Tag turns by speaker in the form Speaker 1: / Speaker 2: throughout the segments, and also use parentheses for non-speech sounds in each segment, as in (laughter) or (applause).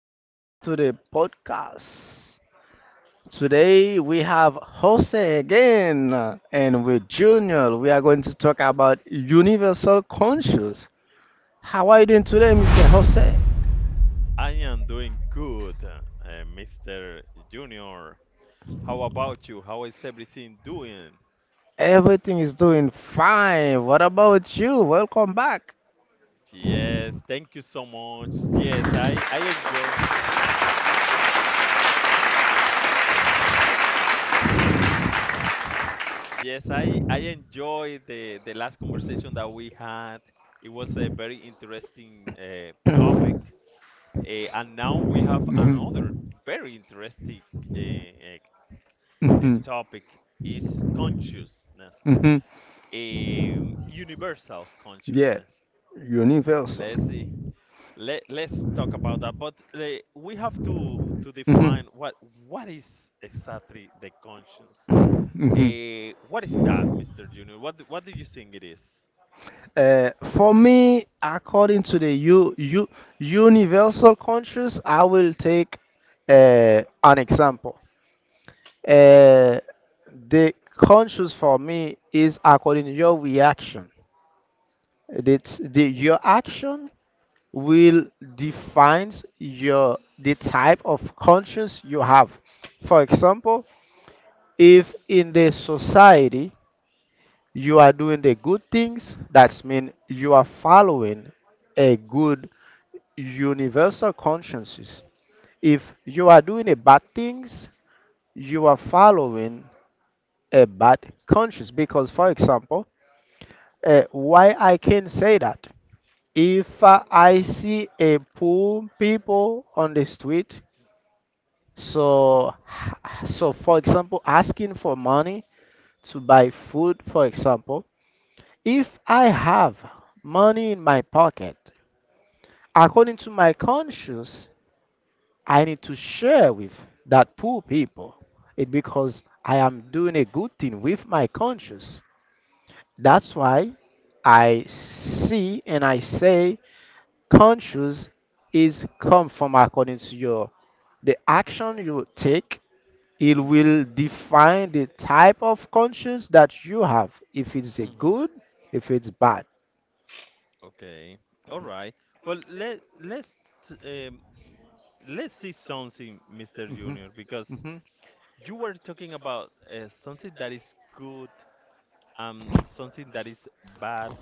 Speaker 1: Welcome to the podcast. Today we have Jose again and with Junior. We are going to talk about universal conscious. How are you doing today, Mr. Jose?
Speaker 2: I am doing good, Mr. Junior. How about you? How is everything doing?
Speaker 1: Everything is doing fine. What about you? Welcome back.
Speaker 2: Yes, thank you so much. I enjoyed the last conversation that we had. It was a very interesting topic, and now we have another
Speaker 1: (coughs)
Speaker 2: very interesting uh, uh,
Speaker 1: (clears throat)
Speaker 2: topic is consciousness,
Speaker 1: Mhm. Mhm. mhm.
Speaker 2: universal
Speaker 1: Yeah,
Speaker 2: consciousness.
Speaker 1: universal.
Speaker 2: Let's see. Let's talk about that. But we have to
Speaker 1: Mhm.
Speaker 2: define what is exactly the conscience.
Speaker 1: Mhm.
Speaker 2: What is that, Mr. Junior? What do you think it is?
Speaker 1: Uh, for me, according to the U, U, universal conscious, I will take an example. Uh, the conscious for me is according to your reaction. That the, your action will defines your the type of conscience you have. For example, if in the society, you are doing the good things. That means you are following a good universal consciences. If you are doing the bad things, you are following a bad conscience. Because, for example, why I can say that? If I see a poor people on the street, so so for example, asking for money to buy food, for example, if I have money in my pocket according to my conscience, I need to share with that poor people. It because I am doing a good thing with my conscience. That's why I see and I say conscience is come from according to your the action you take. It
Speaker 2: Mm,
Speaker 1: will define the type of conscience that you have. If it's a
Speaker 2: hmm.
Speaker 1: good, if it's bad.
Speaker 2: Okay. All right. But t- um, let's see something, Mr.
Speaker 1: Mhm,
Speaker 2: Junior, because
Speaker 1: mhm,
Speaker 2: you were talking about something that is good and something that is bad.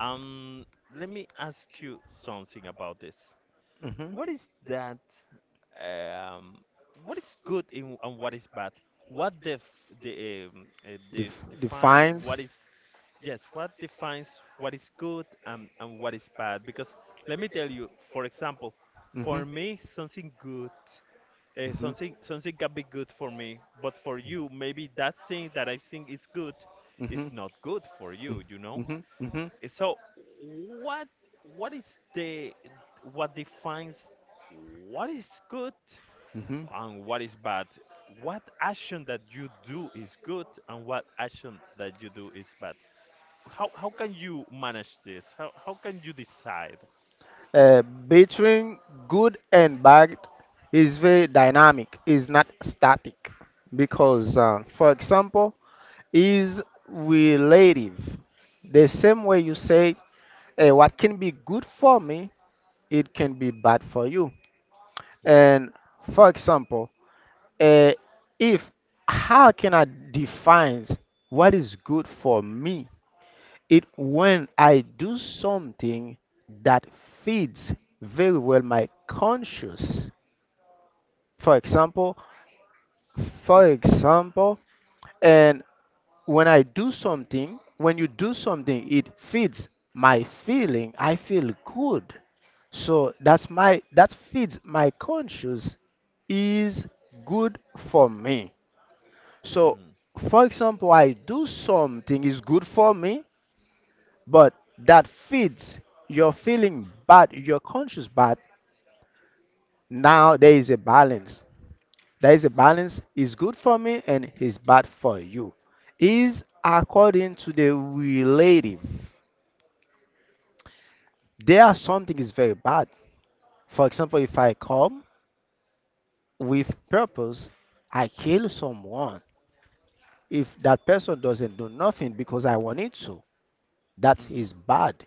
Speaker 2: Um, Let me ask you something about this.
Speaker 1: mhm.
Speaker 2: What is that? Um, what is good in, and what is bad? What def the def
Speaker 1: def-
Speaker 2: Define what
Speaker 1: defines
Speaker 2: is yes? What defines what is good and what is bad? Because let me tell you, for example,
Speaker 1: hmm
Speaker 2: for me something good,
Speaker 1: hmm
Speaker 2: something can be good for me, but for you maybe that thing that I think is good is
Speaker 1: hmm
Speaker 2: not good for you. You know?
Speaker 1: hmm hmm
Speaker 2: So what what is the, what defines what is good
Speaker 1: hmm
Speaker 2: and what is bad? What action that you do is good and what action that you do is bad? How can you manage this? How can you decide?
Speaker 1: uh, between good and bad is very dynamic is not static because for example is relative the same way you say, hey, what can be good for me it can be bad for you and for example, uh, if how can I define what is good for me? It when I do something that feeds very well my conscience. For example, for example, and when I do something, when you do something, it feeds my feeling. I feel good. So that's my that feeds my conscience is good for me. So,
Speaker 2: Mm,
Speaker 1: for example, I do something is good for me, but that feeds your feeling bad, your conscious bad. Now there is a balance. There is a balance. Is good for me and is bad for you. Is according to the relative. There are something is very bad. For example, if I come with purpose, I kill someone. If that person doesn't do nothing because I wanted to, that
Speaker 2: mm,
Speaker 1: is bad.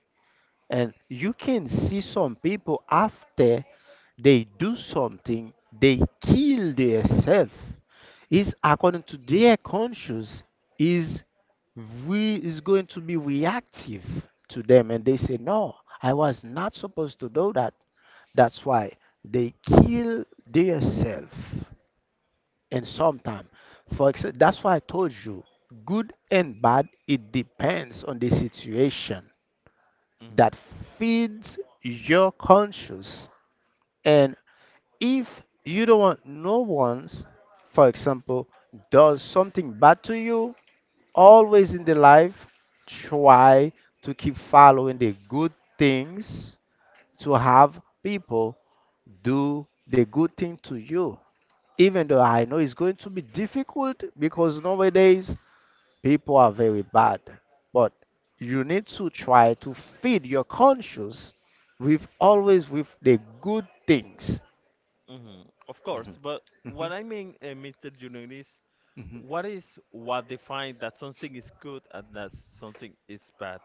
Speaker 1: And you can see some people after they do something, they kill themselves. Is according to their conscience, is we is going to be reactive to them, and they say, "No, I was not supposed to do that." That's why they kill themselves. And sometimes, for example, that's why I told you, good and bad, it depends on the situation
Speaker 2: mm,
Speaker 1: that feeds your conscience. And if you don't want no one's, for example, does something bad to you, always in the life, try to keep following the good things to have people do the good thing to you. Even though I know it's going to be difficult because nowadays people are very bad, but you need to try to feed your conscience with always with the good things.
Speaker 2: mm. Of course,
Speaker 1: Mhm.
Speaker 2: but
Speaker 1: Mhm.
Speaker 2: what I mean, Mr. Junior,
Speaker 1: Mhm.
Speaker 2: is what defines that something is good and that something is bad?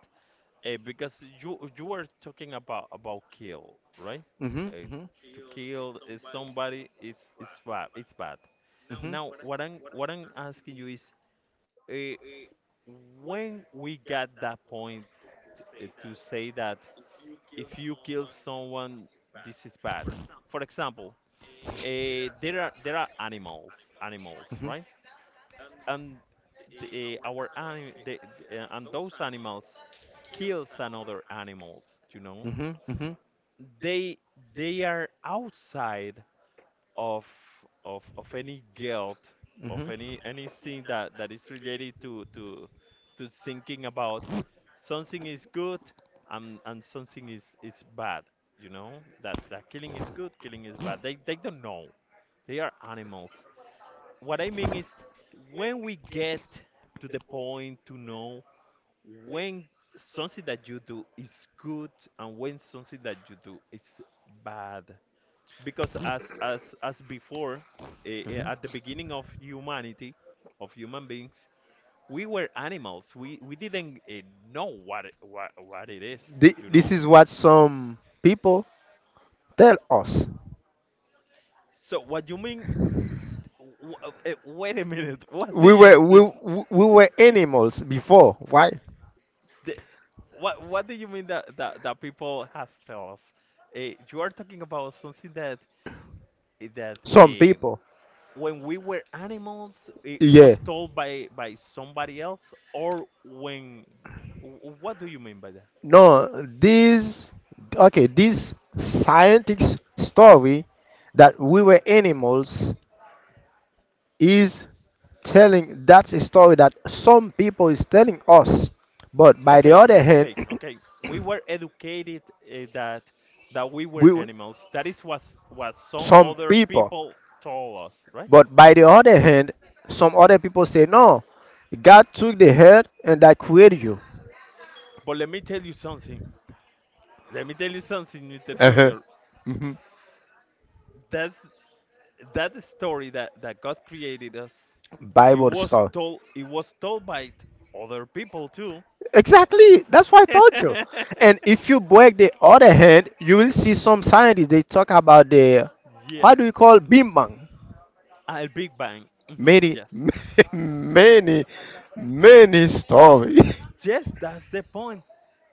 Speaker 2: Because you were talking about kill, right?
Speaker 1: Mhm. Mhm.
Speaker 2: To kill is somebody is bad. It's bad. Now, what I'm asking you is, uh, when we got that point to say that if you kill someone, this is bad. For example, there are animals, animals,
Speaker 1: Mhm.
Speaker 2: right? And the, our anim the, and those animals kills another animals, you know?
Speaker 1: Mhm. Mhm. Mhm.
Speaker 2: they they are outside of of any guilt of
Speaker 1: Mhm.
Speaker 2: any anything that that is related to thinking about something is good and something is bad. You know that that killing is good, killing is bad. They don't know. They are animals. What I mean is, when we get to the point to know when something that you do is good and when something that you do is bad, because as before, at the beginning of humanity, of human beings, we were animals. We didn't know what it is,
Speaker 1: Thi-
Speaker 2: you
Speaker 1: This
Speaker 2: know.
Speaker 1: is what some people tell us.
Speaker 2: So what you mean, wait a minute. (laughs) What do
Speaker 1: We
Speaker 2: you
Speaker 1: were we
Speaker 2: say?
Speaker 1: we were animals before, right?
Speaker 2: The, what do you mean that that people has tell us? You are talking about something that, eh, that
Speaker 1: Some
Speaker 2: um,
Speaker 1: people.
Speaker 2: when we were animals, it
Speaker 1: Yeah.
Speaker 2: was told by somebody else, or when? What do you mean by that?
Speaker 1: No, this okay, this scientific story that we were animals is telling that's a story that some people is telling us. But by the
Speaker 2: Okay,
Speaker 1: other hand,
Speaker 2: okay,
Speaker 1: (coughs)
Speaker 2: okay. We were educated uh, that that we
Speaker 1: (clears throat)
Speaker 2: were
Speaker 1: we were-
Speaker 2: animals. That is what some
Speaker 1: some
Speaker 2: other
Speaker 1: people.
Speaker 2: people told us, right?
Speaker 1: But by the other hand, some other people say, no, God took the head and that created you.
Speaker 2: But let me tell you something. Let me tell you something, Mr.
Speaker 1: Uh-huh.
Speaker 2: Junior.
Speaker 1: hmm
Speaker 2: That's that story that that God created us. It
Speaker 1: Bible
Speaker 2: was
Speaker 1: stuff.
Speaker 2: told. It was told by other people too.
Speaker 1: Exactly. That's why I told you. And
Speaker 2: (laughs)
Speaker 1: if you break the other hand, you will see some scientists they talk about the
Speaker 2: Yeah,
Speaker 1: what do you call Bing Bang?
Speaker 2: a Big Bang. Hmm,
Speaker 1: Many,
Speaker 2: yes.
Speaker 1: (laughs) many, many stories.
Speaker 2: Yes, that's the point.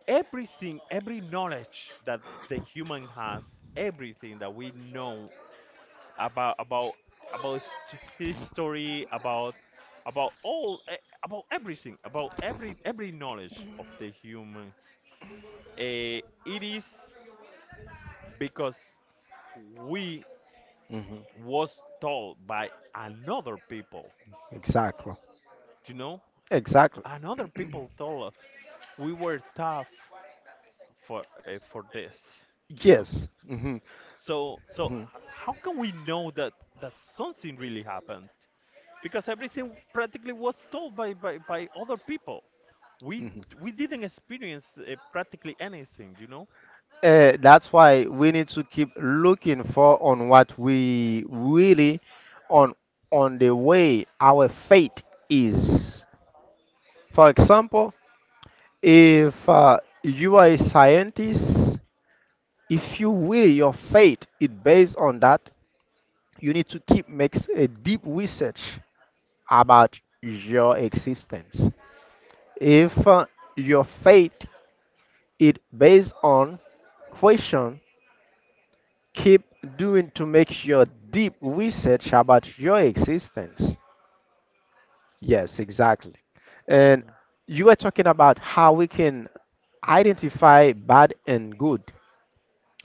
Speaker 2: Everything, every knowledge that the human has, everything that we know about history, about about all eh, everything, about every knowledge of the humans. eh, it is because we
Speaker 1: (laughs) hmm
Speaker 2: was told by another people,
Speaker 1: Exactly.
Speaker 2: you know,
Speaker 1: Exactly.
Speaker 2: and other people told us we were tough for this, you know.
Speaker 1: Yes. Mhm.
Speaker 2: So h- how can we know that that something really happened? Because everything practically was told by other people. We
Speaker 1: Mhm.
Speaker 2: we didn't experience practically anything, you know.
Speaker 1: That's why we need to keep looking for on what we really on on the way our fate is. For example, if you are a scientist, if you really your fate is based on that, you need to keep makes a deep research about your existence. If your fate is based on question keep doing to make your deep research about your existence. Yes, exactly. And you were talking about how we can identify bad and good.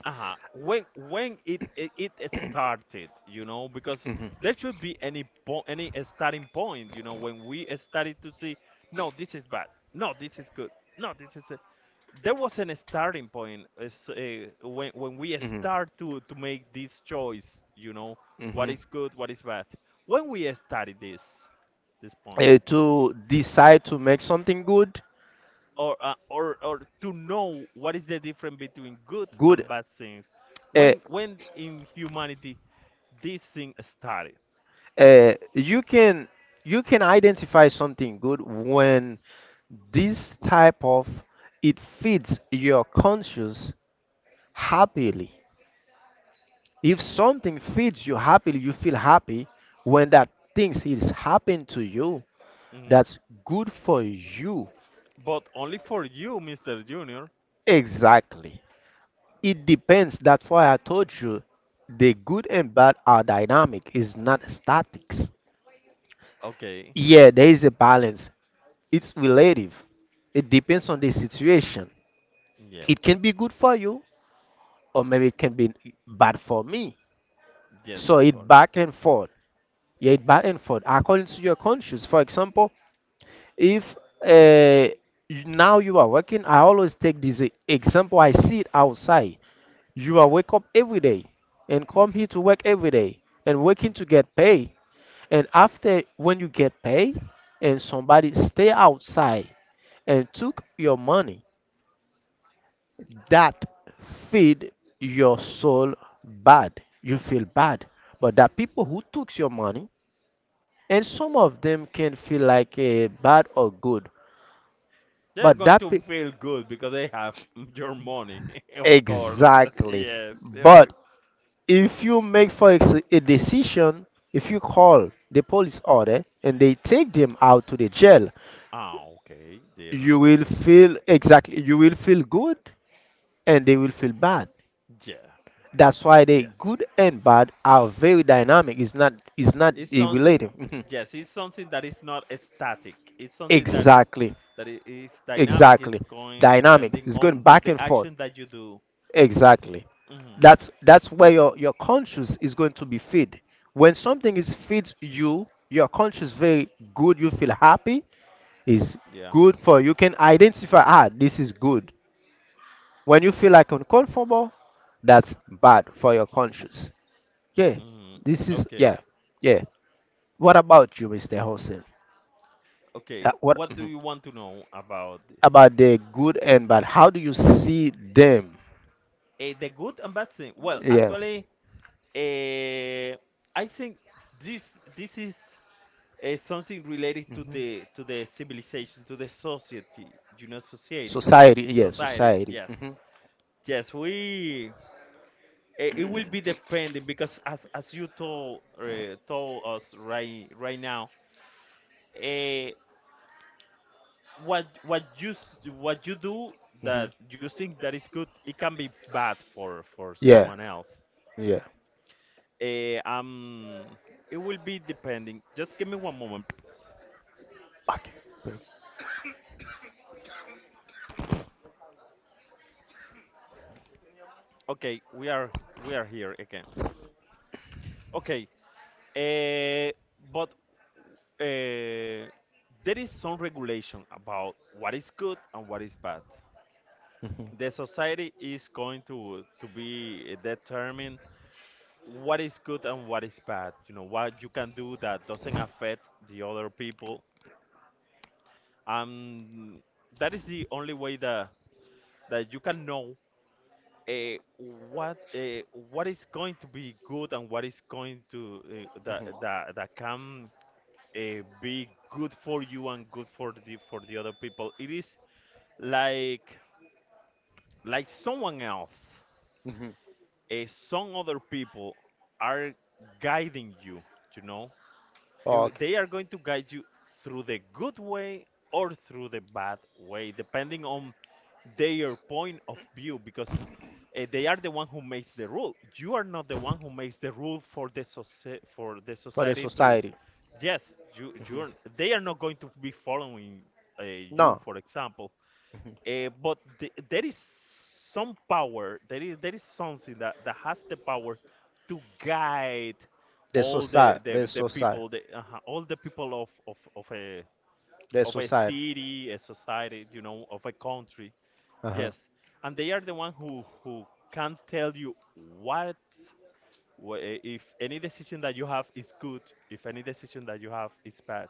Speaker 2: When it started, you know, because
Speaker 1: Mhm. Mhm.
Speaker 2: there should be any any starting point, you know, when we started to see, no this is bad, no this is good, no this is a-" there was an starting point. Is when we start to make this choice, you know, what
Speaker 1: Mhm.
Speaker 2: is good, what is bad, when we started this this point,
Speaker 1: To decide to make something good
Speaker 2: or or to know what is the difference between good
Speaker 1: good
Speaker 2: and bad things,
Speaker 1: uh,
Speaker 2: when in humanity this thing started.
Speaker 1: uh, you can you can identify something good when this type of it feeds your conscious happily if something feeds you happily you feel happy when that things is happened to you
Speaker 2: Mhm.
Speaker 1: that's good for you
Speaker 2: But only for you, Mr. Junior.
Speaker 1: exactly. It depends. That's why I told you the good and bad are dynamic, it's not statics.
Speaker 2: Okay.
Speaker 1: Yeah, there is a balance. It's relative. It depends on the situation.
Speaker 2: Yeah.
Speaker 1: It can be good for you, or maybe it can be bad for me.
Speaker 2: Yes,
Speaker 1: So
Speaker 2: of
Speaker 1: it
Speaker 2: course.
Speaker 1: back and forth. Yeah, it back and forth according to your conscience. For example, if uh, you- now you are working, I always take this e- example. I see it outside. You are wake up every day and come here to work every day and working to get paid. And after when you get paid and somebody stay outside and took your money, that feed your soul bad. You feel bad. But the people who took your money and some of them can feel like bad or good.
Speaker 2: They're
Speaker 1: But
Speaker 2: going
Speaker 1: that
Speaker 2: to
Speaker 1: pe-
Speaker 2: feel good because they have (laughs) your money, (laughs) of course. (laughs)
Speaker 1: Exactly.
Speaker 2: Yes, they're go-
Speaker 1: But if you make for ex- a decision if you call the police order and they take them out to the jail
Speaker 2: Ah, okay. They're not
Speaker 1: you
Speaker 2: going
Speaker 1: will
Speaker 2: to.
Speaker 1: feel exactly you will feel good and they will feel bad
Speaker 2: Yeah.
Speaker 1: that's why the
Speaker 2: Yes.
Speaker 1: good and bad are very dynamic it's not
Speaker 2: It's something.
Speaker 1: relative.
Speaker 2: Yes, it's something that is not static. It's
Speaker 1: (laughs)
Speaker 2: something that is
Speaker 1: Exactly,
Speaker 2: that is dynamic. It's
Speaker 1: exactly
Speaker 2: going
Speaker 1: dynamic
Speaker 2: depending
Speaker 1: it's going
Speaker 2: on
Speaker 1: back
Speaker 2: the
Speaker 1: and forth.
Speaker 2: action that you do.
Speaker 1: Exactly.
Speaker 2: Hmm.
Speaker 1: That's where your conscience is going to be fed. When something is fed you, your conscience very good. You feel happy is
Speaker 2: Yeah.
Speaker 1: good for you can identify. Ah, this is good. When you feel like uncomfortable, that's bad for your conscience. Yeah,
Speaker 2: Hmm.
Speaker 1: this is
Speaker 2: Okay.
Speaker 1: yeah, yeah. What about you, Mr. Hossein?
Speaker 2: Okay,
Speaker 1: What
Speaker 2: what do
Speaker 1: mhm.
Speaker 2: you want to know about this?
Speaker 1: about the good and bad? How do you see them?
Speaker 2: Eh, the good and bad thing. Well,
Speaker 1: Yeah,
Speaker 2: actually, eh, I think this this is something related to the civilization, to the society, you know, society,
Speaker 1: society. Yeah,
Speaker 2: society.
Speaker 1: society.
Speaker 2: Yes,
Speaker 1: Hmm
Speaker 2: yes, we. Eh, it will be depending because as you told told us right right now, uh, what you what you do
Speaker 1: hmm
Speaker 2: that you think that is good, it can be bad for
Speaker 1: Yeah,
Speaker 2: someone else.
Speaker 1: yeah.
Speaker 2: Eh, um it will be depending. Just give me one moment.
Speaker 1: Okay.
Speaker 2: Okay, we are, we are here again. Okay. uh, but uh, there is some regulation about what is good and what is bad. The society is going to be determined what is good and what is bad, you know, what you can do that doesn't affect the other people. um that is the only way that that you can know uh, what uh, what is going to be good and what is going to that can be good for you and good for the other people. It is like like someone else,
Speaker 1: hmm
Speaker 2: uh, some other people are guiding you, you know.
Speaker 1: Okay.
Speaker 2: They are going to guide you through the good way or through the bad way depending on their point of view, because they are the one who makes the rule. You are not the one who makes the rule for the for the
Speaker 1: For the
Speaker 2: society to,
Speaker 1: society.
Speaker 2: yes. you
Speaker 1: Hmm
Speaker 2: you're they are not going to be following you,
Speaker 1: No,
Speaker 2: for example. Uh, but there is some power. There is something that, that has the power to guide
Speaker 1: the
Speaker 2: all the
Speaker 1: society,
Speaker 2: the,
Speaker 1: the
Speaker 2: the
Speaker 1: society,
Speaker 2: people, the, all the people
Speaker 1: the
Speaker 2: of a
Speaker 1: society.
Speaker 2: city, a society, you know, of a country.
Speaker 1: Uh-huh.
Speaker 2: Yes, and they are the one who can tell you what if any decision that you have is good, if any decision that you have is bad.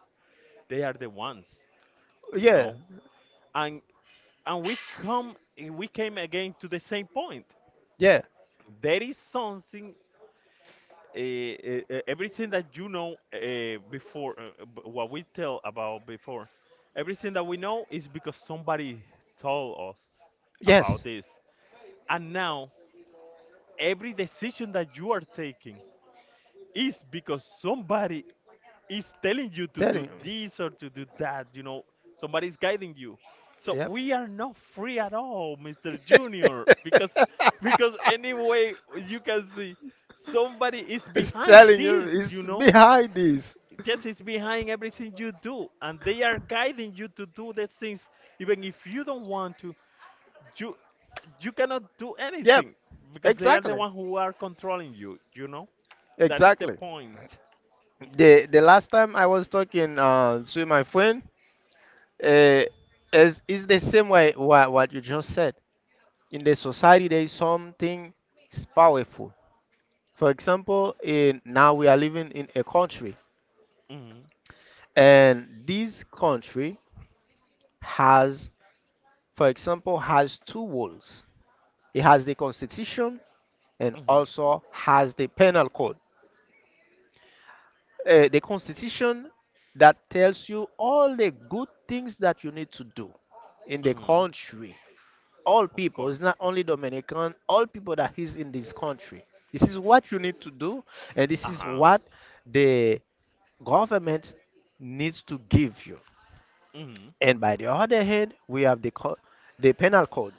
Speaker 2: They are the ones, you
Speaker 1: Yeah,
Speaker 2: know, and we come we came again to the same point.
Speaker 1: yeah,
Speaker 2: There is something, everything that you know what we tell about before, everything that we know is because somebody told us about
Speaker 1: yes.
Speaker 2: this. And now every decision that you are taking is because somebody is telling you to
Speaker 1: Tell
Speaker 2: do
Speaker 1: him.
Speaker 2: this or to do that, you know, somebody's guiding you. So
Speaker 1: Yep.
Speaker 2: we are not free at all, Mr.
Speaker 1: (laughs)
Speaker 2: Junior, because anyway you can see somebody is behind
Speaker 1: Telling you,
Speaker 2: this,
Speaker 1: it's
Speaker 2: you know?
Speaker 1: behind this.
Speaker 2: Yes, it's behind everything you do and they are guiding you to do the things even if you don't want to. You you cannot do
Speaker 1: Yep,
Speaker 2: anything because they are the
Speaker 1: exactly.
Speaker 2: one who are controlling you, you know? That is the
Speaker 1: Exactly.
Speaker 2: point.
Speaker 1: The last time I was talking to my friend, uh, is the same way what you just said. In the society, there is something is powerful. For example, in now we are living in a country,
Speaker 2: Hmm.
Speaker 1: and this country has, for example, has two walls. It has the constitution and
Speaker 2: Hmm.
Speaker 1: also has the penal code. The constitution that tells you all the good things that you need to do in the
Speaker 2: Hmm.
Speaker 1: country. All
Speaker 2: Of
Speaker 1: people, it's
Speaker 2: course.
Speaker 1: not only Dominican, all people that is in this country. This is what you need to do, and this is
Speaker 2: Uh-huh.
Speaker 1: what the government needs to give you.
Speaker 2: Hmm.
Speaker 1: And by the other hand, we have the co- the penal code.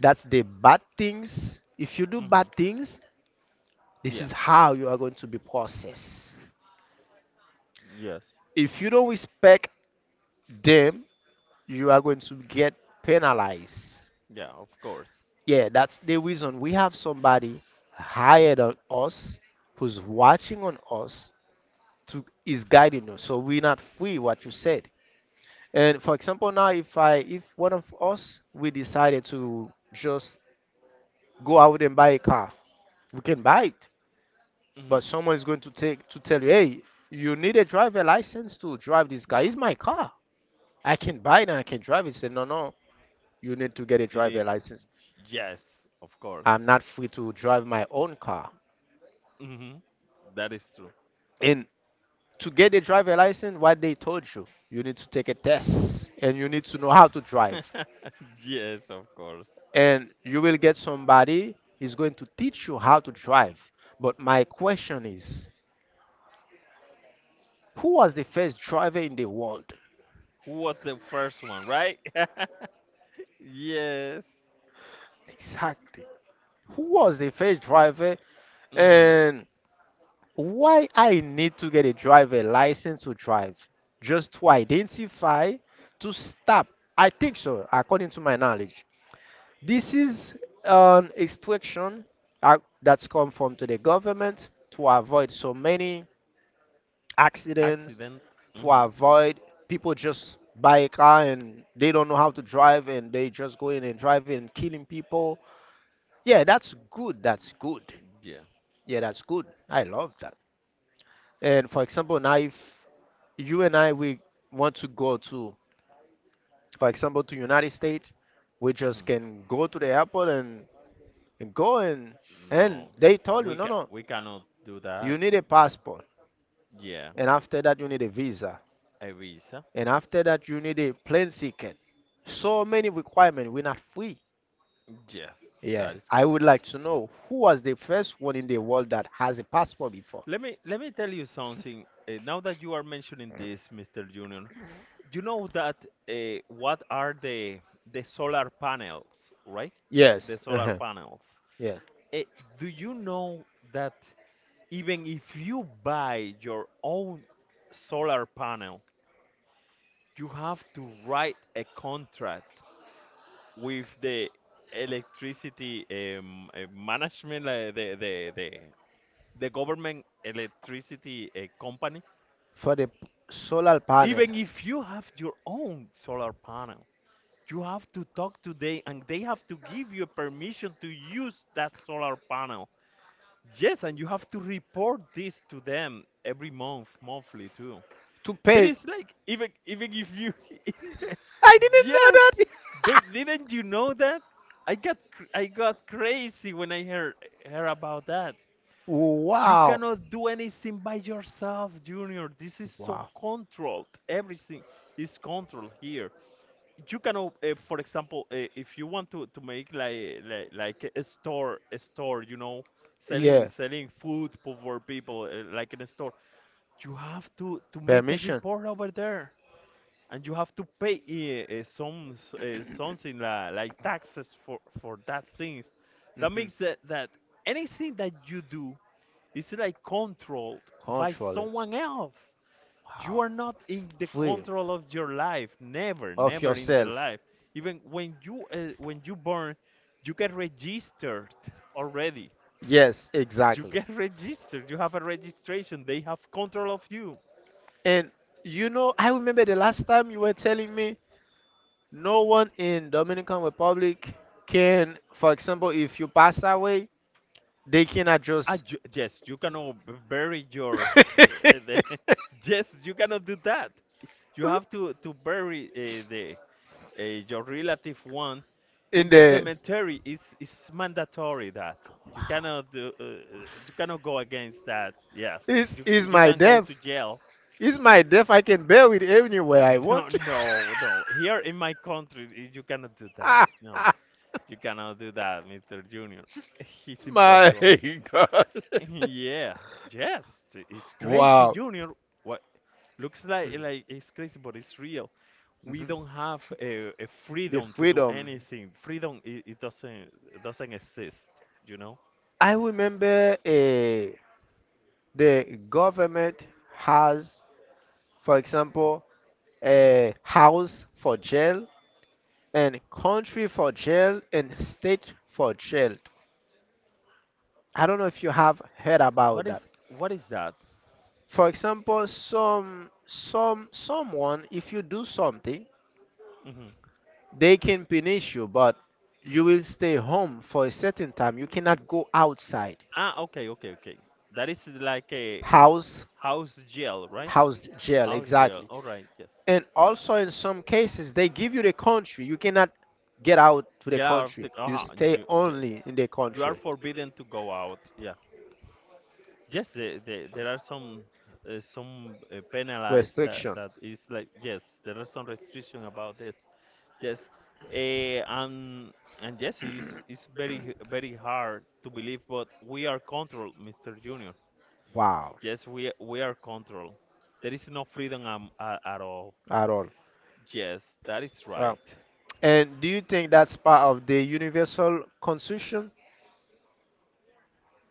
Speaker 1: That's the bad things. If you do
Speaker 2: Hmm.
Speaker 1: bad things, this
Speaker 2: Yeah.
Speaker 1: is how you are going to be processed.
Speaker 2: Yes.
Speaker 1: If you don't respect them, you are going to get penalized.
Speaker 2: Yeah, of course.
Speaker 1: Yeah, that's the reason we have somebody higher than us who's watching on us to is guiding us. So we're not free what you said. And for example, now if I if one of us we decided to just go out and buy a car we can buy it,
Speaker 2: Hmm.
Speaker 1: but someone is going to take to tell you, hey, you need a driver license to drive this car.
Speaker 2: Yeah.
Speaker 1: It's my car. I can buy it and I can drive it. Say, no, no, you need to get a
Speaker 2: You need,
Speaker 1: driver license.
Speaker 2: yes, of course.
Speaker 1: I'm not free to drive my own car.
Speaker 2: Mhm. That is true.
Speaker 1: And to get a driver license, what they told you, you need to take a test and you need to know how to drive.
Speaker 2: (laughs) Yes, of course.
Speaker 1: And you will get somebody is going to teach you how to drive. But my question is, who was the first driver in the world?
Speaker 2: Who was the first one, right? (laughs) Yes.
Speaker 1: Exactly. Who was the first driver?
Speaker 2: Hmm.
Speaker 1: And why I need to get a driver license to drive? Just to identify, to stop. I think so, according to my knowledge. This is an instruction that's come from to the government to avoid so many accidents,
Speaker 2: Accident.
Speaker 1: to
Speaker 2: Hmm.
Speaker 1: avoid people just buy a car and they don't know how to drive and they just go in and drive and killing people. Yeah, that's good. That's good.
Speaker 2: Yeah.
Speaker 1: Yeah, that's good. I love that. And for example, now if you and I we want to go to, for example, to United States, we
Speaker 2: Hmm.
Speaker 1: just can go to the airport and go and
Speaker 2: No.
Speaker 1: they told
Speaker 2: We
Speaker 1: you no
Speaker 2: ca
Speaker 1: no
Speaker 2: we cannot do that.
Speaker 1: you need a
Speaker 2: Yeah.
Speaker 1: passport,
Speaker 2: Yeah.
Speaker 1: and after that you need a visa,
Speaker 2: A visa.
Speaker 1: and after that you need a plane ticket. So many requirements. We're not free.
Speaker 2: Yes,
Speaker 1: Yeah.
Speaker 2: that is
Speaker 1: I would
Speaker 2: correct.
Speaker 1: like to know who was the first one in the world that has a passport before.
Speaker 2: Let me tell you something. Now that you are mentioning this, Mr. Junior, you know that what are the solar panels, right? The
Speaker 1: Yes.
Speaker 2: solar
Speaker 1: Uh-huh.
Speaker 2: panels.
Speaker 1: Yeah.
Speaker 2: Eh, do you know that even if you buy your own solar panel, you have to write a contract with the electricity management, the government electricity company.
Speaker 1: For the solar panel
Speaker 2: Even if you have your own solar panel, you have to talk to them and they have to give you permission to use that solar panel. Yes, and you have to report this to them every month, monthly too.
Speaker 1: to
Speaker 2: There
Speaker 1: pay.
Speaker 2: is like even if you
Speaker 1: I
Speaker 2: (laughs)
Speaker 1: didn't know
Speaker 2: Yes.
Speaker 1: that.
Speaker 2: Didn't you know that? I got crazy when I heard about that. You
Speaker 1: (laughs) Wow.
Speaker 2: cannot do anything by yourself, Junior. This is so
Speaker 1: Wow.
Speaker 2: controlled. Everything is controlled here. You cannot, for example, if you want to make like a store, you know, selling
Speaker 1: Yeah.
Speaker 2: selling for people like in a store, you have to make a
Speaker 1: Permission.
Speaker 2: report over there, and you have to pay some something like taxes for
Speaker 1: (coughs)
Speaker 2: for that thing. That
Speaker 1: hmm
Speaker 2: makes that anything that you do, it's like controlled by
Speaker 1: Control it.
Speaker 2: someone else. You
Speaker 1: Wow.
Speaker 2: are not in the
Speaker 1: Free
Speaker 2: control of your life. Never,
Speaker 1: of
Speaker 2: never in the
Speaker 1: yourself.
Speaker 2: life. Even when you born, you get registered already.
Speaker 1: Yes,
Speaker 2: You
Speaker 1: exactly.
Speaker 2: get (laughs) registered. You have a registration. They have control of you.
Speaker 1: And you know, I remember the last time you were telling me no one in Dominican Republic can, for example, if you pass away, they cannot
Speaker 2: Ah,
Speaker 1: just
Speaker 2: yes, you cannot bury your. (laughs) Uh, the,
Speaker 1: (laughs)
Speaker 2: (laughs) yes, you cannot do that. You have to bury the your relative one in
Speaker 1: in
Speaker 2: the
Speaker 1: the
Speaker 2: cemetery. It's mandatory that you cannot do you cannot go against that. Yes,
Speaker 1: is is
Speaker 2: you
Speaker 1: my
Speaker 2: can go
Speaker 1: death.
Speaker 2: to jail.
Speaker 1: Is my death, I can bear it anywhere I
Speaker 2: (laughs) No,
Speaker 1: want.
Speaker 2: no, no, here in my country, you cannot do that. No,
Speaker 1: (laughs)
Speaker 2: you cannot do that, Mr. Junior. (laughs) It's
Speaker 1: My
Speaker 2: impossible.
Speaker 1: God. (laughs)
Speaker 2: Yeah, yes, it's crazy,
Speaker 1: Wow.
Speaker 2: Junior. What looks like it's crazy, but it's real. We
Speaker 1: Mhm.
Speaker 2: don't have a
Speaker 1: The
Speaker 2: freedom to do
Speaker 1: freedom.
Speaker 2: anything. Freedom, it doesn't, it doesn't exist, you know.
Speaker 1: I remember the government has, for example, a house for jail and country for jail and state for jail. I don't know if you have heard
Speaker 2: What
Speaker 1: about
Speaker 2: is
Speaker 1: that.
Speaker 2: what is that?
Speaker 1: For example, someone, if you do something,
Speaker 2: Hmm.
Speaker 1: they can punish you, but you will stay home for a certain time. You cannot go outside.
Speaker 2: Ah, okay, okay, okay. That is like a
Speaker 1: House
Speaker 2: house jail, right?
Speaker 1: house jail,
Speaker 2: House jail.
Speaker 1: exactly.
Speaker 2: All right, yes.
Speaker 1: And also in some cases they give you the country. You cannot get out to the
Speaker 2: Get out of
Speaker 1: country,
Speaker 2: the.
Speaker 1: you
Speaker 2: Uh,
Speaker 1: stay
Speaker 2: you, yes.
Speaker 1: only in the
Speaker 2: You are
Speaker 1: country.
Speaker 2: forbidden to go out. Yeah. Yes, there are some penalized that
Speaker 1: Restriction.
Speaker 2: is like, yes, there are some restriction about this. Yes, eh, and yes, it's very very hard to believe, but we are controlled, Mr. Junior.
Speaker 1: Wow.
Speaker 2: Yes, we are controlled. There is no freedom at all.
Speaker 1: At all.
Speaker 2: Yes, that is
Speaker 1: Uh,
Speaker 2: right.
Speaker 1: and do you think that's part of the universal constitution?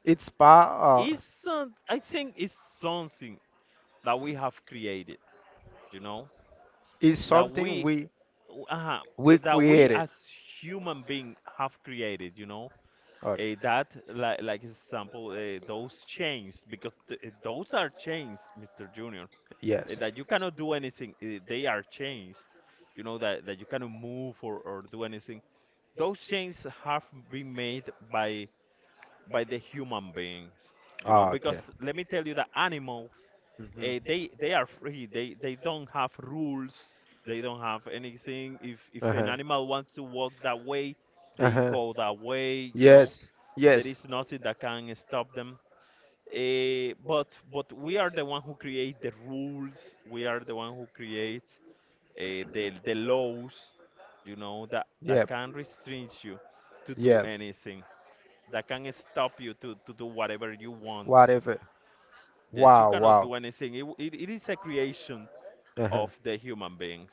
Speaker 1: It's part,
Speaker 2: It's some, I think it's something that we have created. You know
Speaker 1: is
Speaker 2: that
Speaker 1: something
Speaker 2: we uh,
Speaker 1: we
Speaker 2: that we
Speaker 1: created.
Speaker 2: as human being have created. You know.
Speaker 1: Okay.
Speaker 2: That like example those chains because those are chains, Mr. Junior. Eh,
Speaker 1: Yes.
Speaker 2: that you cannot do anything. Eh, they are chains, you know, that that you cannot move or do anything. Those chains have been made by the human beings, you know.
Speaker 1: Ah, okay.
Speaker 2: Because let me tell you that animals,
Speaker 1: hmm
Speaker 2: they are free. They don't have rules. They don't have anything. If an
Speaker 1: Uh-huh.
Speaker 2: animal wants to walk that way, they
Speaker 1: Uh-huh.
Speaker 2: go that way. You know,
Speaker 1: Yes.
Speaker 2: there
Speaker 1: Yes.
Speaker 2: is nothing that can stop them. But we are the one who create the rules. We are the one who create the laws. You know that that
Speaker 1: Yep.
Speaker 2: can restrict you to do
Speaker 1: Yep.
Speaker 2: anything. That can stop you to do whatever you want.
Speaker 1: Whatever.
Speaker 2: Yes, you
Speaker 1: Wow,
Speaker 2: cannot
Speaker 1: wow.
Speaker 2: do anything. It is a creation
Speaker 1: Uh-huh.
Speaker 2: of the human beings.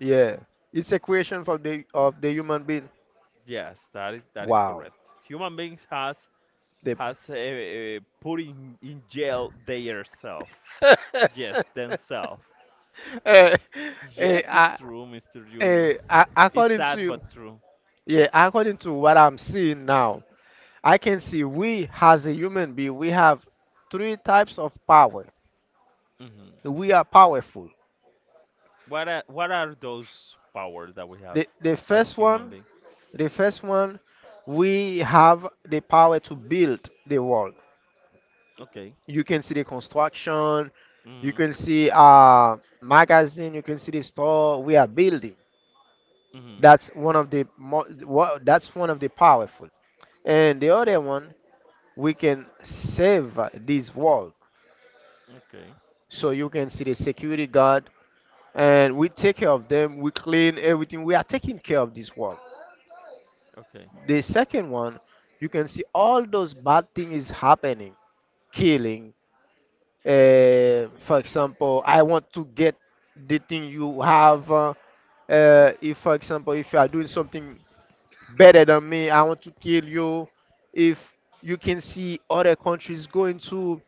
Speaker 1: Yeah. It's a creation for the of the human being.
Speaker 2: Yes, that is
Speaker 1: Wow.
Speaker 2: correct. Human beings
Speaker 1: The
Speaker 2: has put in jail themselves. Yes,
Speaker 1: (laughs)
Speaker 2: themselves.
Speaker 1: Eh, eh,
Speaker 2: Yes, it's
Speaker 1: I-
Speaker 2: true, Mr. Junior. It's
Speaker 1: according
Speaker 2: sad
Speaker 1: to
Speaker 2: but true.
Speaker 1: yeah, according to what I'm seeing now, I can see we, as a human being, we have three types of power.
Speaker 2: Hmm.
Speaker 1: We are powerful.
Speaker 2: What are those powers that we have
Speaker 1: The, the
Speaker 2: as
Speaker 1: first
Speaker 2: human
Speaker 1: one,
Speaker 2: being?
Speaker 1: the first one, we have the power to build the world.
Speaker 2: Okay.
Speaker 1: You can see the construction, you
Speaker 2: Hmm.
Speaker 1: can see magazine, you can see the store we are building.
Speaker 2: Hmm.
Speaker 1: That's one of the that's one of the powerful. And the other one, we can save this world.
Speaker 2: Okay.
Speaker 1: So you can see the security guard and we take care of them. We clean everything. We are taking care of this world.
Speaker 2: Okay.
Speaker 1: The second one, you can see all those bad things is happening, killing. For example, I want to get the thing you have. If, for example, if you are doing something better than me, I want to kill you. If you can see other countries going to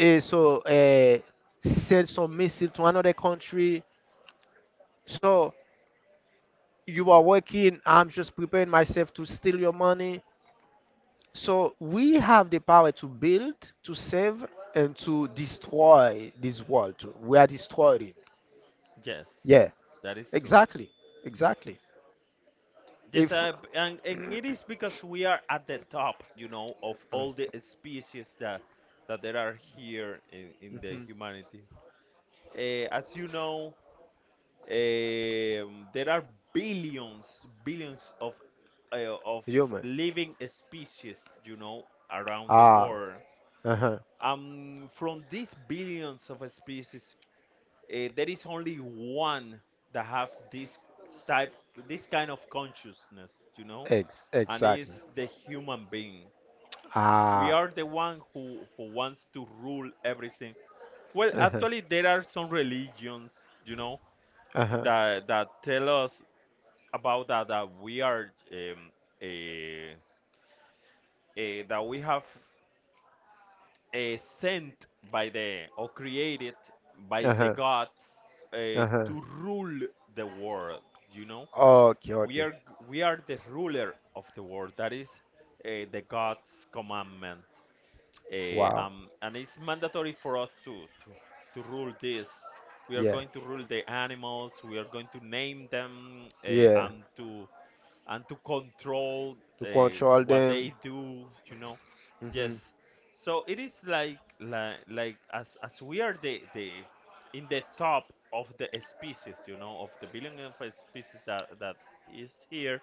Speaker 1: uh, so uh, send some missile to another country, so you are working, I'm just preparing myself to steal your money. So we have the power to build, to save, and to destroy this world. We are destroying it.
Speaker 2: Yes,
Speaker 1: Yeah,
Speaker 2: that is true.
Speaker 1: exactly, exactly.
Speaker 2: Yes,
Speaker 1: If
Speaker 2: and it is
Speaker 1: (clears throat)
Speaker 2: because we are at the top, you know, of all the species that that there are here in
Speaker 1: Mm.
Speaker 2: the
Speaker 1: Mhm.
Speaker 2: humanity. As you know, um, there are billions, billions of uh, of
Speaker 1: Human,
Speaker 2: living species, you know, around the
Speaker 1: ah,
Speaker 2: world.
Speaker 1: uh-huh.
Speaker 2: From these billions of species, there is only one that have this type, this kind of consciousness, you know,
Speaker 1: Ex-
Speaker 2: and
Speaker 1: exactly.
Speaker 2: it's the human being. We
Speaker 1: Ah.
Speaker 2: are the one who wants to rule everything. Well,
Speaker 1: Uh-huh.
Speaker 2: actually, there are some religions, you know,
Speaker 1: Uh-huh.
Speaker 2: that that tell us about that that we are eh, that we have eh, sent by the or created by the
Speaker 1: Uh-huh.
Speaker 2: gods eh,
Speaker 1: Uh-huh.
Speaker 2: to rule the world. You know,
Speaker 1: Okay,
Speaker 2: we
Speaker 1: okay.
Speaker 2: are we are the ruler of the world. That is eh, the God's commandment. Eh,
Speaker 1: Wow.
Speaker 2: and it's mandatory for us to to rule this. We are
Speaker 1: Yeah.
Speaker 2: going to rule the animals. We are going to name them eh,
Speaker 1: Yeah.
Speaker 2: and to control
Speaker 1: To
Speaker 2: uh,
Speaker 1: control
Speaker 2: what
Speaker 1: them.
Speaker 2: they do, you know.
Speaker 1: Hmm
Speaker 2: Yes. So it is like like as we are the in the top of the species, you know, of the billion of species that that is here,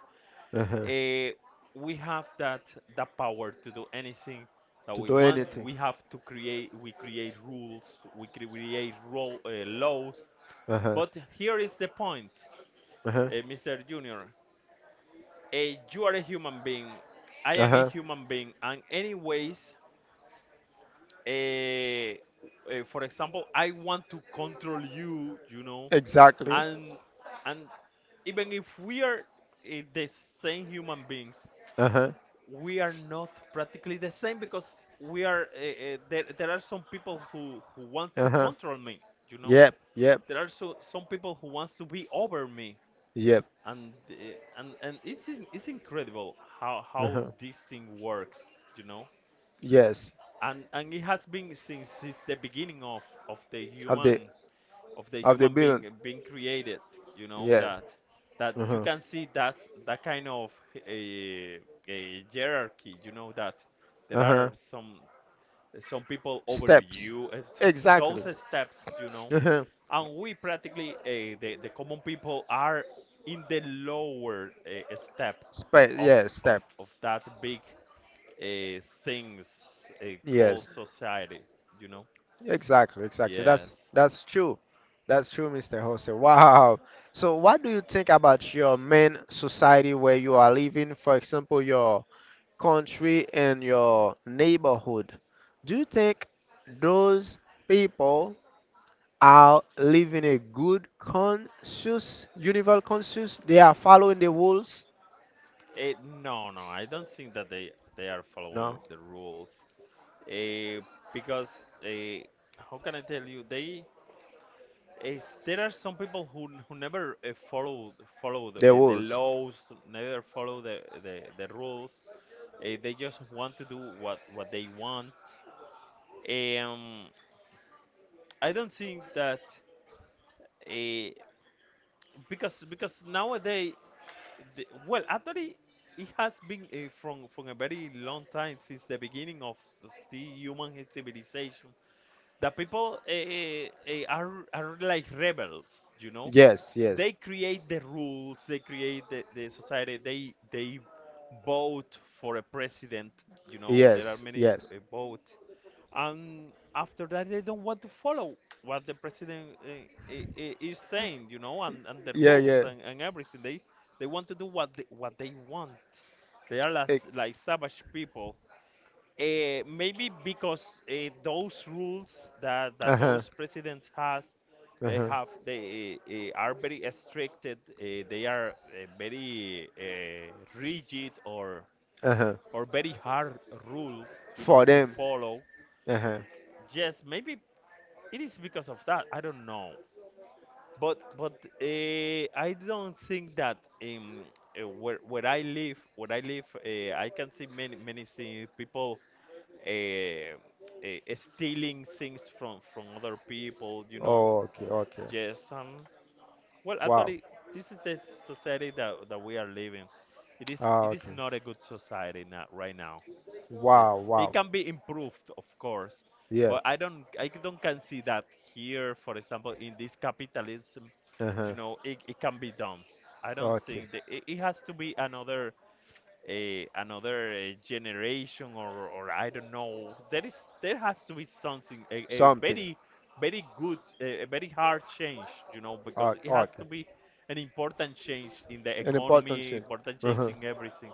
Speaker 1: Uh-huh.
Speaker 2: uh, we have that that power to do anything that
Speaker 1: To
Speaker 2: we
Speaker 1: do
Speaker 2: want.
Speaker 1: anything.
Speaker 2: We create rules, create laws.
Speaker 1: Uh-huh.
Speaker 2: But here is the point,
Speaker 1: Uh-huh.
Speaker 2: Mr. Junior. Eh, you are a human being. I am a human being, and anyways,
Speaker 1: Uh,
Speaker 2: eh, for example, I want to control you, you know,
Speaker 1: exactly. I
Speaker 2: and and even if we are the same human beings,
Speaker 1: Uh huh.
Speaker 2: we are not practically the same because we are there. There are some people who want to control me, you know.
Speaker 1: Yep. Yep.
Speaker 2: There are so some people who wants to be over me,
Speaker 1: Yep.
Speaker 2: and and it's it's incredible
Speaker 1: Uh
Speaker 2: how
Speaker 1: huh.
Speaker 2: this thing works, you know.
Speaker 1: Yes.
Speaker 2: And it has been since the beginning
Speaker 1: Of what the they
Speaker 2: of the
Speaker 1: of the
Speaker 2: human being
Speaker 1: building.
Speaker 2: being created, you know,
Speaker 1: Yeah.
Speaker 2: that that
Speaker 1: Yeah,
Speaker 2: you
Speaker 1: you
Speaker 2: can see that that kind of a a hierarchy, you know, that there
Speaker 1: Uh huh.
Speaker 2: are
Speaker 1: So
Speaker 2: some people
Speaker 1: Steps.
Speaker 2: overuse it,
Speaker 1: Through
Speaker 2: (laughs) those
Speaker 1: exactly.
Speaker 2: steps, you know.
Speaker 1: Uh huh.
Speaker 2: And we practically, the common people are in the lower step
Speaker 1: Space,
Speaker 2: of,
Speaker 1: yes, step.
Speaker 2: of that big things called
Speaker 1: Yes,
Speaker 2: society, you know.
Speaker 1: exactly, exactly.
Speaker 2: Yes.
Speaker 1: That's true. That's true, Mr. Jose. Wow. So what do you think about your main society where you are living, for example, your country and your neighborhood? Do you think those people are living a good conscious, universal conscious? They are following the rules?
Speaker 2: Eh, no, no, I don't think that they are following
Speaker 1: No,
Speaker 2: the rules. Eh, because eh, how can I tell you? They is there are some people who who never follow follow
Speaker 1: the
Speaker 2: the
Speaker 1: rules.
Speaker 2: laws, never follow the rules. They just want to do what they want. Um, I don't think that uh, because nowadays, well, actually, it has been from a very long time since the beginning of the human civilization. The people are like rebels, you know.
Speaker 1: Yes, yes.
Speaker 2: They create the rules, they create the society, they vote for a president, you know. There are
Speaker 1: Yes,
Speaker 2: many
Speaker 1: yes.
Speaker 2: votes, and after that they don't want to follow what the president is saying, you know, and the
Speaker 1: Yeah,
Speaker 2: rules
Speaker 1: yeah.
Speaker 2: and everything. They want to do what what they want. They are like savage people, maybe because those rules that
Speaker 1: Uh-huh.
Speaker 2: those presidents has
Speaker 1: Uh-huh.
Speaker 2: have, they are very restricted. They are very rigid
Speaker 1: Uh-huh.
Speaker 2: or very hard rules, you
Speaker 1: For
Speaker 2: know, to
Speaker 1: them.
Speaker 2: follow.
Speaker 1: Uh-huh.
Speaker 2: Yes, maybe it is because of that. I don't know. But I don't think that where I live, where I live, I can see many many things. People uh, stealing things from other people, you know.
Speaker 1: Oh, okay, okay.
Speaker 2: Yes, um, well,
Speaker 1: Wow.
Speaker 2: actually, this is the society that that we are living. It is
Speaker 1: Ah,
Speaker 2: it is
Speaker 1: okay.
Speaker 2: not a good society now, right now. Yes,
Speaker 1: Wow,
Speaker 2: it
Speaker 1: wow.
Speaker 2: can be improved, of course,
Speaker 1: Yeah.
Speaker 2: but I don't can see that here, for example, in this capitalism,
Speaker 1: Uh-huh.
Speaker 2: you know, it can be done. I don't
Speaker 1: Okay.
Speaker 2: think that it has to be another eh, generation or I don't know. There is, there has to be something, a very, very good, a very hard change, you know, because
Speaker 1: Okay,
Speaker 2: it has to be
Speaker 1: okay.
Speaker 2: an important change in the
Speaker 1: An important
Speaker 2: economy,
Speaker 1: really thing.
Speaker 2: important change
Speaker 1: Uh-huh.
Speaker 2: in everything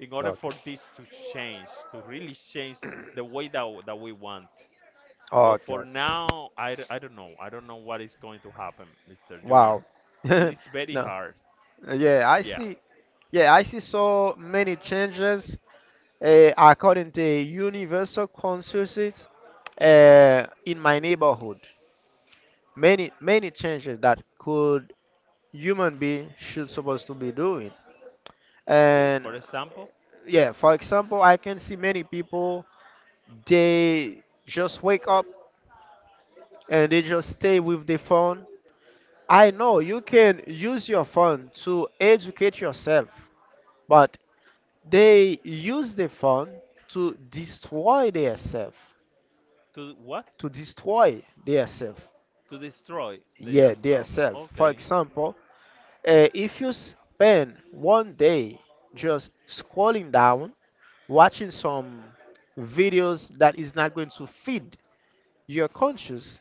Speaker 2: in order
Speaker 1: Okay.
Speaker 2: for this to change, to really change the way that we want. But
Speaker 1: Okay,
Speaker 2: for
Speaker 1: okay.
Speaker 2: now, I don't know. I don't know what is going to happen, Mr. Junior.
Speaker 1: Wow.
Speaker 2: It is
Speaker 1: (laughs)
Speaker 2: very
Speaker 1: No.
Speaker 2: hard.
Speaker 1: Yeah, I
Speaker 2: Yeah.
Speaker 1: see. Yeah, I see so many changes according to universal consensus
Speaker 2: Mhm.
Speaker 1: in my neighborhood. Many, many changes that could human being should supposed to be doing.
Speaker 2: Okay,
Speaker 1: And
Speaker 2: for example,
Speaker 1: yeah, for example, I can see many people they just wake up and they just stay with the phone. I know you can use your phone to educate yourself, but they use the phone to destroy their self,
Speaker 2: to what?
Speaker 1: to destroy their self.
Speaker 2: To destroy the
Speaker 1: Yeah, their
Speaker 2: yourself.
Speaker 1: self. For
Speaker 2: Okay.
Speaker 1: example, if you spend one day just scrolling down, watching some videos that is not going to feed your conscious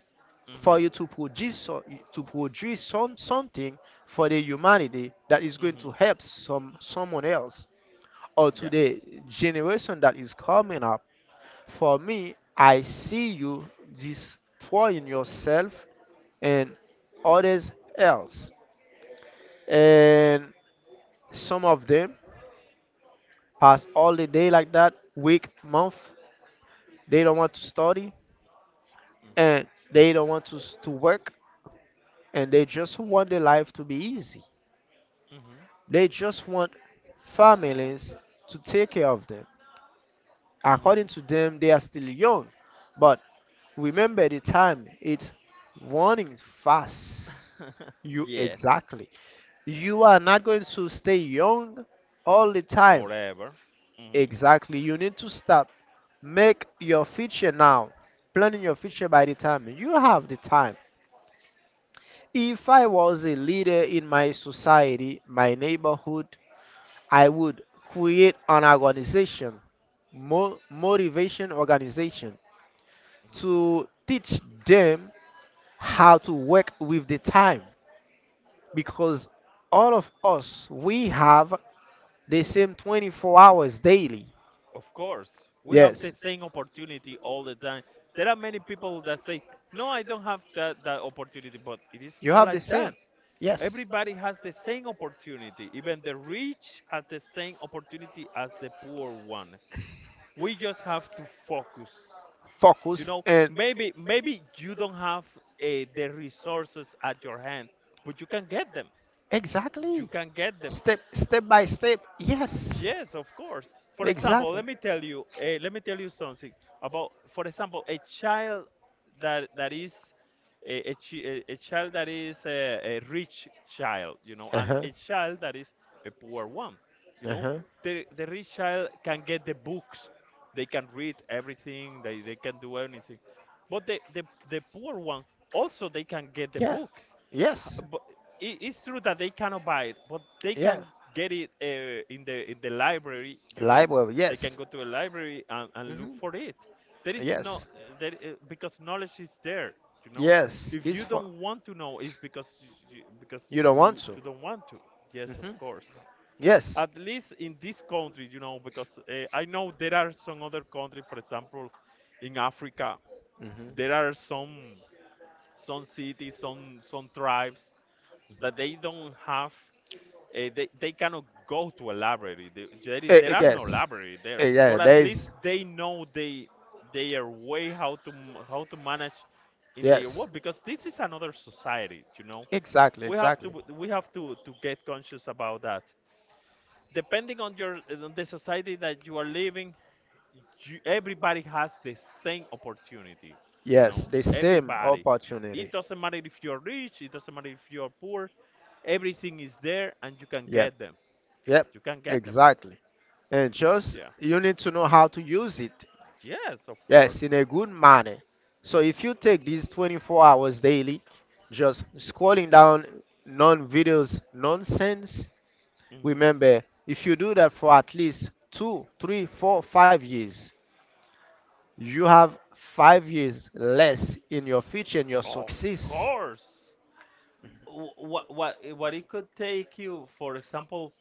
Speaker 1: for
Speaker 2: Hmm.
Speaker 1: you to produce to produce some something for the humanity that is going
Speaker 2: Hmm.
Speaker 1: to help someone else or to
Speaker 2: Yeah.
Speaker 1: the generation that is coming up. For me, I see you destroying yourself and others else. And some of them pass all the day like that, week, month. They don't want to study
Speaker 2: Okay.
Speaker 1: and they don't want to, to work, and they just want their life to be easy.
Speaker 2: Hmm.
Speaker 1: They just want families to take care of them.
Speaker 2: Hmm.
Speaker 1: According to them, they are still young. But remember the time, it's running fast.
Speaker 2: (laughs)
Speaker 1: You
Speaker 2: Yes.
Speaker 1: exactly. You
Speaker 2: Yeah.
Speaker 1: are not going to stay young all the time.
Speaker 2: Forever. Hmm.
Speaker 1: Exactly. You need to stop. Make your future now. Planning your future by the time you have the time. If I was a leader in my society, my neighborhood, I would create an organization, motivation organization, to teach them how to work with the time because all of us we have the same 24 hours daily.
Speaker 2: Of course, we have
Speaker 1: Yes,
Speaker 2: the same opportunity all the time. There are many people that say, "No, I don't have that that opportunity," but it is
Speaker 1: you
Speaker 2: not
Speaker 1: have the
Speaker 2: like
Speaker 1: same.
Speaker 2: that.
Speaker 1: Yes,
Speaker 2: Everybody has the same opportunity. Even the rich has the same opportunity as the poor one. We just have to focus. You
Speaker 1: focus
Speaker 2: know,
Speaker 1: and
Speaker 2: maybe maybe you don't have the resources at your hand, but you can get them. You
Speaker 1: exactly.
Speaker 2: can get them.
Speaker 1: Step step by step. Yes.
Speaker 2: Yes, of course. For example,
Speaker 1: Exactly.
Speaker 2: let me tell you, let me tell you something about, for example, a child that that is a child that is a rich child, you know, and
Speaker 1: Uh-huh.
Speaker 2: a child that is a poor one, you know.
Speaker 1: Uh-huh.
Speaker 2: The rich child can get the books, they can read everything, they can do anything, but the poor one also they can get the
Speaker 1: Yeah.
Speaker 2: books. Ha-
Speaker 1: Yes.
Speaker 2: but it's true that they cannot buy it, but they
Speaker 1: Yeah.
Speaker 2: can get it in the library. You
Speaker 1: Live
Speaker 2: know,
Speaker 1: web,
Speaker 2: they can
Speaker 1: yes.
Speaker 2: go to a library and look
Speaker 1: hmm
Speaker 2: for it. There is no
Speaker 1: Yes.
Speaker 2: there because knowledge is there. You know,
Speaker 1: Yes.
Speaker 2: if
Speaker 1: It's
Speaker 2: you
Speaker 1: for
Speaker 2: don't want to know, it's because because
Speaker 1: you don't want
Speaker 2: you
Speaker 1: to.
Speaker 2: you don't want to. Yes, of
Speaker 1: Hmm
Speaker 2: course.
Speaker 1: Yes.
Speaker 2: At least in this country, you know, because I know there are some other countries, for example, in Africa,
Speaker 1: hmm
Speaker 2: there are some cities, some tribes that they don't have they cannot go to a library.
Speaker 1: Eh,
Speaker 2: There
Speaker 1: eh,
Speaker 2: are no
Speaker 1: yes.
Speaker 2: library there,
Speaker 1: Eh, yeah,
Speaker 2: but at
Speaker 1: there
Speaker 2: least
Speaker 1: is.
Speaker 2: they know they their way how to how to manage in their
Speaker 1: Yes.
Speaker 2: work, because this is another society. You know,
Speaker 1: Exactly,
Speaker 2: we have to
Speaker 1: exactly.
Speaker 2: we have to get conscious about that. Depending on your on the society that you are living, everybody has the same opportunity. You
Speaker 1: Yes,
Speaker 2: know,
Speaker 1: the same
Speaker 2: everybody, it
Speaker 1: opportunity.
Speaker 2: doesn't matter if you're rich, it doesn't matter if you're poor, everything is there and you can
Speaker 1: Yep,
Speaker 2: get them.
Speaker 1: yep,
Speaker 2: You can get them.
Speaker 1: exactly. And just
Speaker 2: Yeah,
Speaker 1: you need to know how to use it.
Speaker 2: yes, of
Speaker 1: Yes,
Speaker 2: course.
Speaker 1: in a good manner. So if you take these 24 hours daily, just scrolling down non videos nonsense,
Speaker 2: Mhm.
Speaker 1: remember, if you do that for at least two, three, four, 5 years, you have 5 years less in your future and your
Speaker 2: Of
Speaker 1: success.
Speaker 2: course. What it could take you, for example,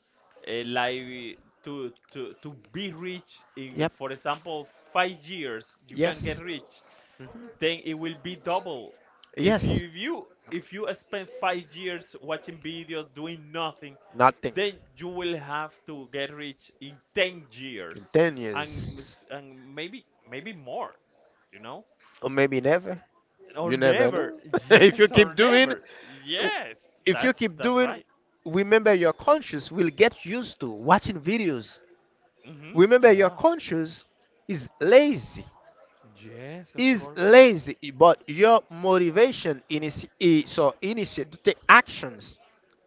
Speaker 2: like to be rich in,
Speaker 1: Yep.
Speaker 2: for example, 5 years you can get
Speaker 1: Yes.
Speaker 2: rich, then it will be double. If
Speaker 1: Yes.
Speaker 2: you if you if you spend 5 years watching videos doing nothing,
Speaker 1: Nothing.
Speaker 2: then you will have to get rich in 10 years,
Speaker 1: In 10 years.
Speaker 2: and maybe more, you know,
Speaker 1: Or maybe never.
Speaker 2: or
Speaker 1: You never
Speaker 2: never.
Speaker 1: know.
Speaker 2: (laughs)
Speaker 1: (laughs) If you
Speaker 2: Yes, or
Speaker 1: keep doing,
Speaker 2: never. Yes,
Speaker 1: if you
Speaker 2: that's
Speaker 1: keep
Speaker 2: that's
Speaker 1: doing,
Speaker 2: right.
Speaker 1: remember your conscious will get used to watching videos.
Speaker 2: Hmm.
Speaker 1: Remember your
Speaker 2: Yeah.
Speaker 1: conscious is lazy,
Speaker 2: Yes, of
Speaker 1: is
Speaker 2: course.
Speaker 1: lazy, but your motivation initiate to take actions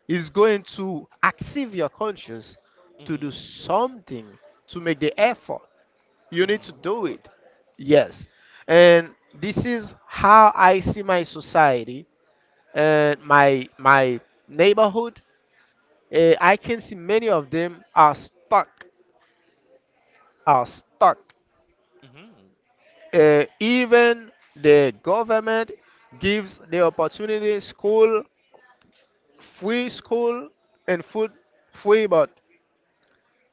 Speaker 1: is going to active your conscious to
Speaker 2: Hmm.
Speaker 1: do something to make the effort. You need to
Speaker 2: Hmm. Of
Speaker 1: do it.
Speaker 2: course.
Speaker 1: Yes. And this is how I see my society and my neighborhood. I can see many of them are stuck, are stuck.
Speaker 2: Hmm.
Speaker 1: Even the government gives the opportunity, school, free school and food free, but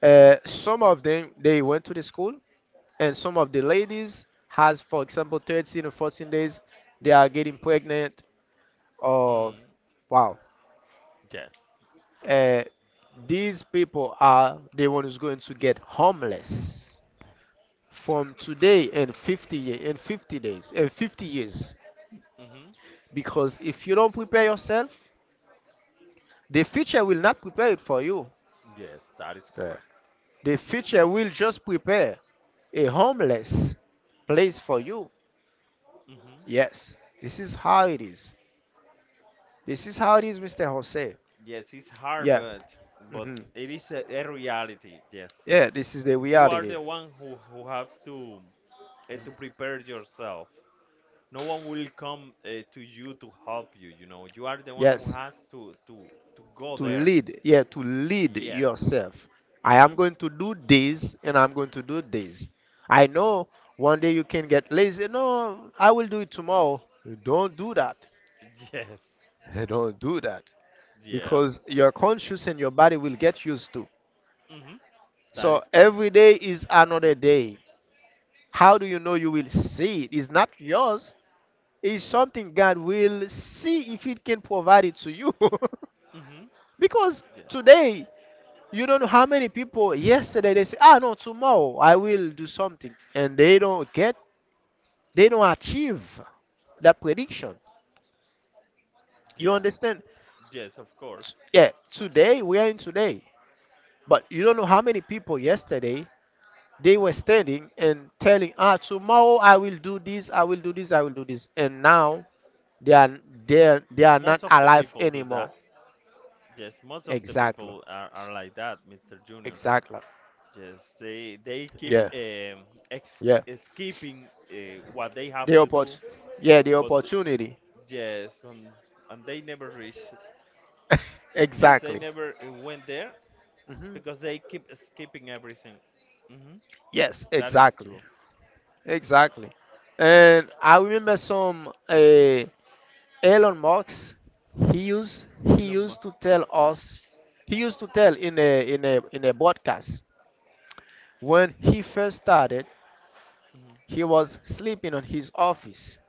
Speaker 1: some of them they went to the school, and some of the ladies has, for example, 13 or 14 days, they are getting pregnant. Oh,
Speaker 2: Mm.
Speaker 1: wow.
Speaker 2: Yes. Yes.
Speaker 1: Uh, these people are the one who's going to get homeless from today and 50 in 50 days and 50 years.
Speaker 2: Hmm.
Speaker 1: Because if you don't prepare yourself, the future will not prepare it for you.
Speaker 2: Yes, that is
Speaker 1: Yeah.
Speaker 2: correct.
Speaker 1: The future will just prepare a homeless place for you.
Speaker 2: Mhm.
Speaker 1: Yes, this is how it is. This is how it is, Mr. Jose.
Speaker 2: Yes, it's hard,
Speaker 1: Yeah.
Speaker 2: but
Speaker 1: hmm
Speaker 2: it is a reality. Yes,
Speaker 1: Yeah, this is the
Speaker 2: you are
Speaker 1: reality.
Speaker 2: the one who have to prepare yourself. No one will come to you to help you. You know, you are the one who
Speaker 1: Yes.
Speaker 2: has to to go
Speaker 1: To
Speaker 2: there.
Speaker 1: lead. Yeah, to lead
Speaker 2: Yes.
Speaker 1: yourself. I am
Speaker 2: Mhm.
Speaker 1: going to do this and I'm going to do this. I
Speaker 2: Mhm.
Speaker 1: know one day you can get lazy. No, I will do it tomorrow. Don't do that.
Speaker 2: (laughs) Yes.
Speaker 1: (laughs) Don't do that.
Speaker 2: Yeah.
Speaker 1: Because your conscious and your body will get used to.
Speaker 2: Mhm. That
Speaker 1: So
Speaker 2: is correct.
Speaker 1: every day is another day. How do you know you will see it? It's not yours. Is
Speaker 2: Mhm.
Speaker 1: something God will see if it can provide it to you. (laughs)
Speaker 2: Mhm.
Speaker 1: Because
Speaker 2: Yeah.
Speaker 1: today, you don't know how many people yesterday they say, ah, no, tomorrow I will do something. And they don't get, they don't achieve that prediction. You
Speaker 2: Yeah.
Speaker 1: understand?
Speaker 2: Yes, of course.
Speaker 1: Yeah, today, we are in today. But you don't know how many people yesterday they were standing and telling, ah, tomorrow I will do this, I will do this, I will do this. And now they are, they are not
Speaker 2: Most of the
Speaker 1: alive
Speaker 2: people do
Speaker 1: anymore.
Speaker 2: that. Yes, most of the
Speaker 1: Exactly.
Speaker 2: people are like that, Mr. Junior.
Speaker 1: Exactly.
Speaker 2: Yes, they keep
Speaker 1: Yeah,
Speaker 2: ex
Speaker 1: yeah.
Speaker 2: skipping what they have
Speaker 1: The
Speaker 2: to do,
Speaker 1: yeah, the
Speaker 2: but
Speaker 1: opportunity.
Speaker 2: yes, and they never reach.
Speaker 1: (laughs)
Speaker 2: Yes, they
Speaker 1: Exactly.
Speaker 2: never went there
Speaker 1: hmm
Speaker 2: because they keep skipping everything. Hmm.
Speaker 1: Yes,
Speaker 2: That is
Speaker 1: exactly,
Speaker 2: true.
Speaker 1: exactly. And I remember some Elon Musk. He used he
Speaker 2: Elon
Speaker 1: used to
Speaker 2: Musk.
Speaker 1: tell us. He used to tell in a broadcast when he first started.
Speaker 2: Hmm.
Speaker 1: He was sleeping on his office.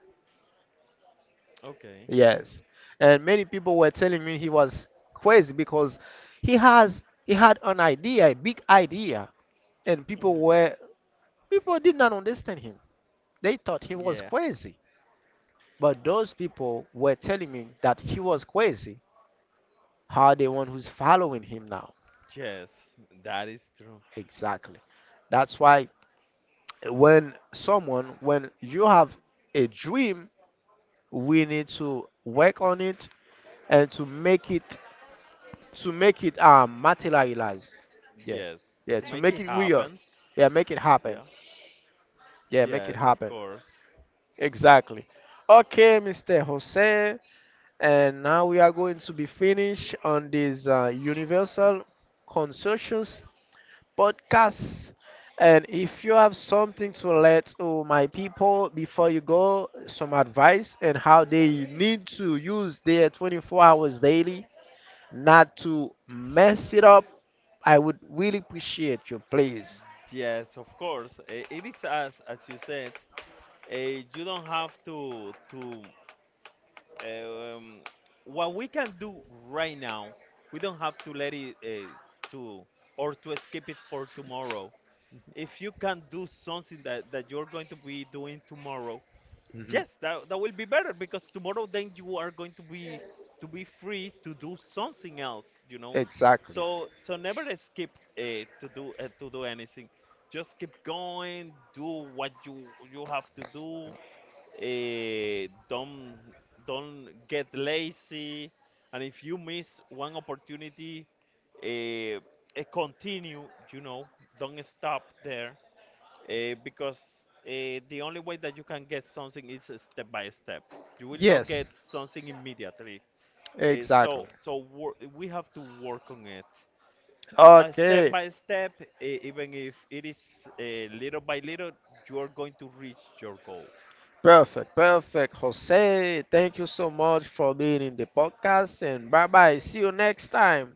Speaker 2: Okay.
Speaker 1: Yes, and many people were telling me he was crazy because he had an idea, a big idea, and
Speaker 2: Hmm.
Speaker 1: people did not understand him. They thought he was
Speaker 2: Yeah.
Speaker 1: crazy. But those people were telling me that he was crazy. How the one who's following him now?
Speaker 2: Yes, that is true.
Speaker 1: Exactly. That's why when someone when you have a dream, we need to work on it and to make it materialize. Yeah,
Speaker 2: Yes,
Speaker 1: yeah,
Speaker 2: to
Speaker 1: to
Speaker 2: make
Speaker 1: make
Speaker 2: it
Speaker 1: it real.
Speaker 2: happen.
Speaker 1: Yeah, make it happen.
Speaker 2: Yeah.
Speaker 1: Yeah, make it
Speaker 2: Yes, of
Speaker 1: happen.
Speaker 2: course.
Speaker 1: Exactly. Okay, Mr. Jose, and now we are going to be finished on this Universal Consortium's podcast. And if you have something to let all my people before you go, some advice and how they need to use their 24 hours daily not to mess it up, I would really appreciate you, please.
Speaker 2: Yes, of course. It is as you said. You don't have to um, what we can do right now. We don't have to let it to or to escape it for tomorrow. If you can do something that, that you're going to be doing tomorrow,
Speaker 1: Mhm.
Speaker 2: yes, that, that will be better, because tomorrow then you are going to be free to do something else, you know.
Speaker 1: Exactly.
Speaker 2: So so never escape to do anything. Just keep going, do what you have to do. Don't get lazy, and if you miss one opportunity, eh, continue, you know, don't stop there. Because the only way that you can get something is a step by step. You will not get
Speaker 1: Yes.
Speaker 2: something immediately.
Speaker 1: Exactly.
Speaker 2: So so we have to work on it step
Speaker 1: Okay.
Speaker 2: by step, even if it is little by little, you are going to reach your goal.
Speaker 1: Perfect. Perfect. Jose, thank you so much for being in the podcast and bye bye. See you next time.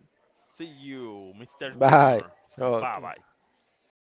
Speaker 2: See you, Mr.
Speaker 1: Bye.
Speaker 2: Junior. Bye
Speaker 1: Okay.
Speaker 2: bye.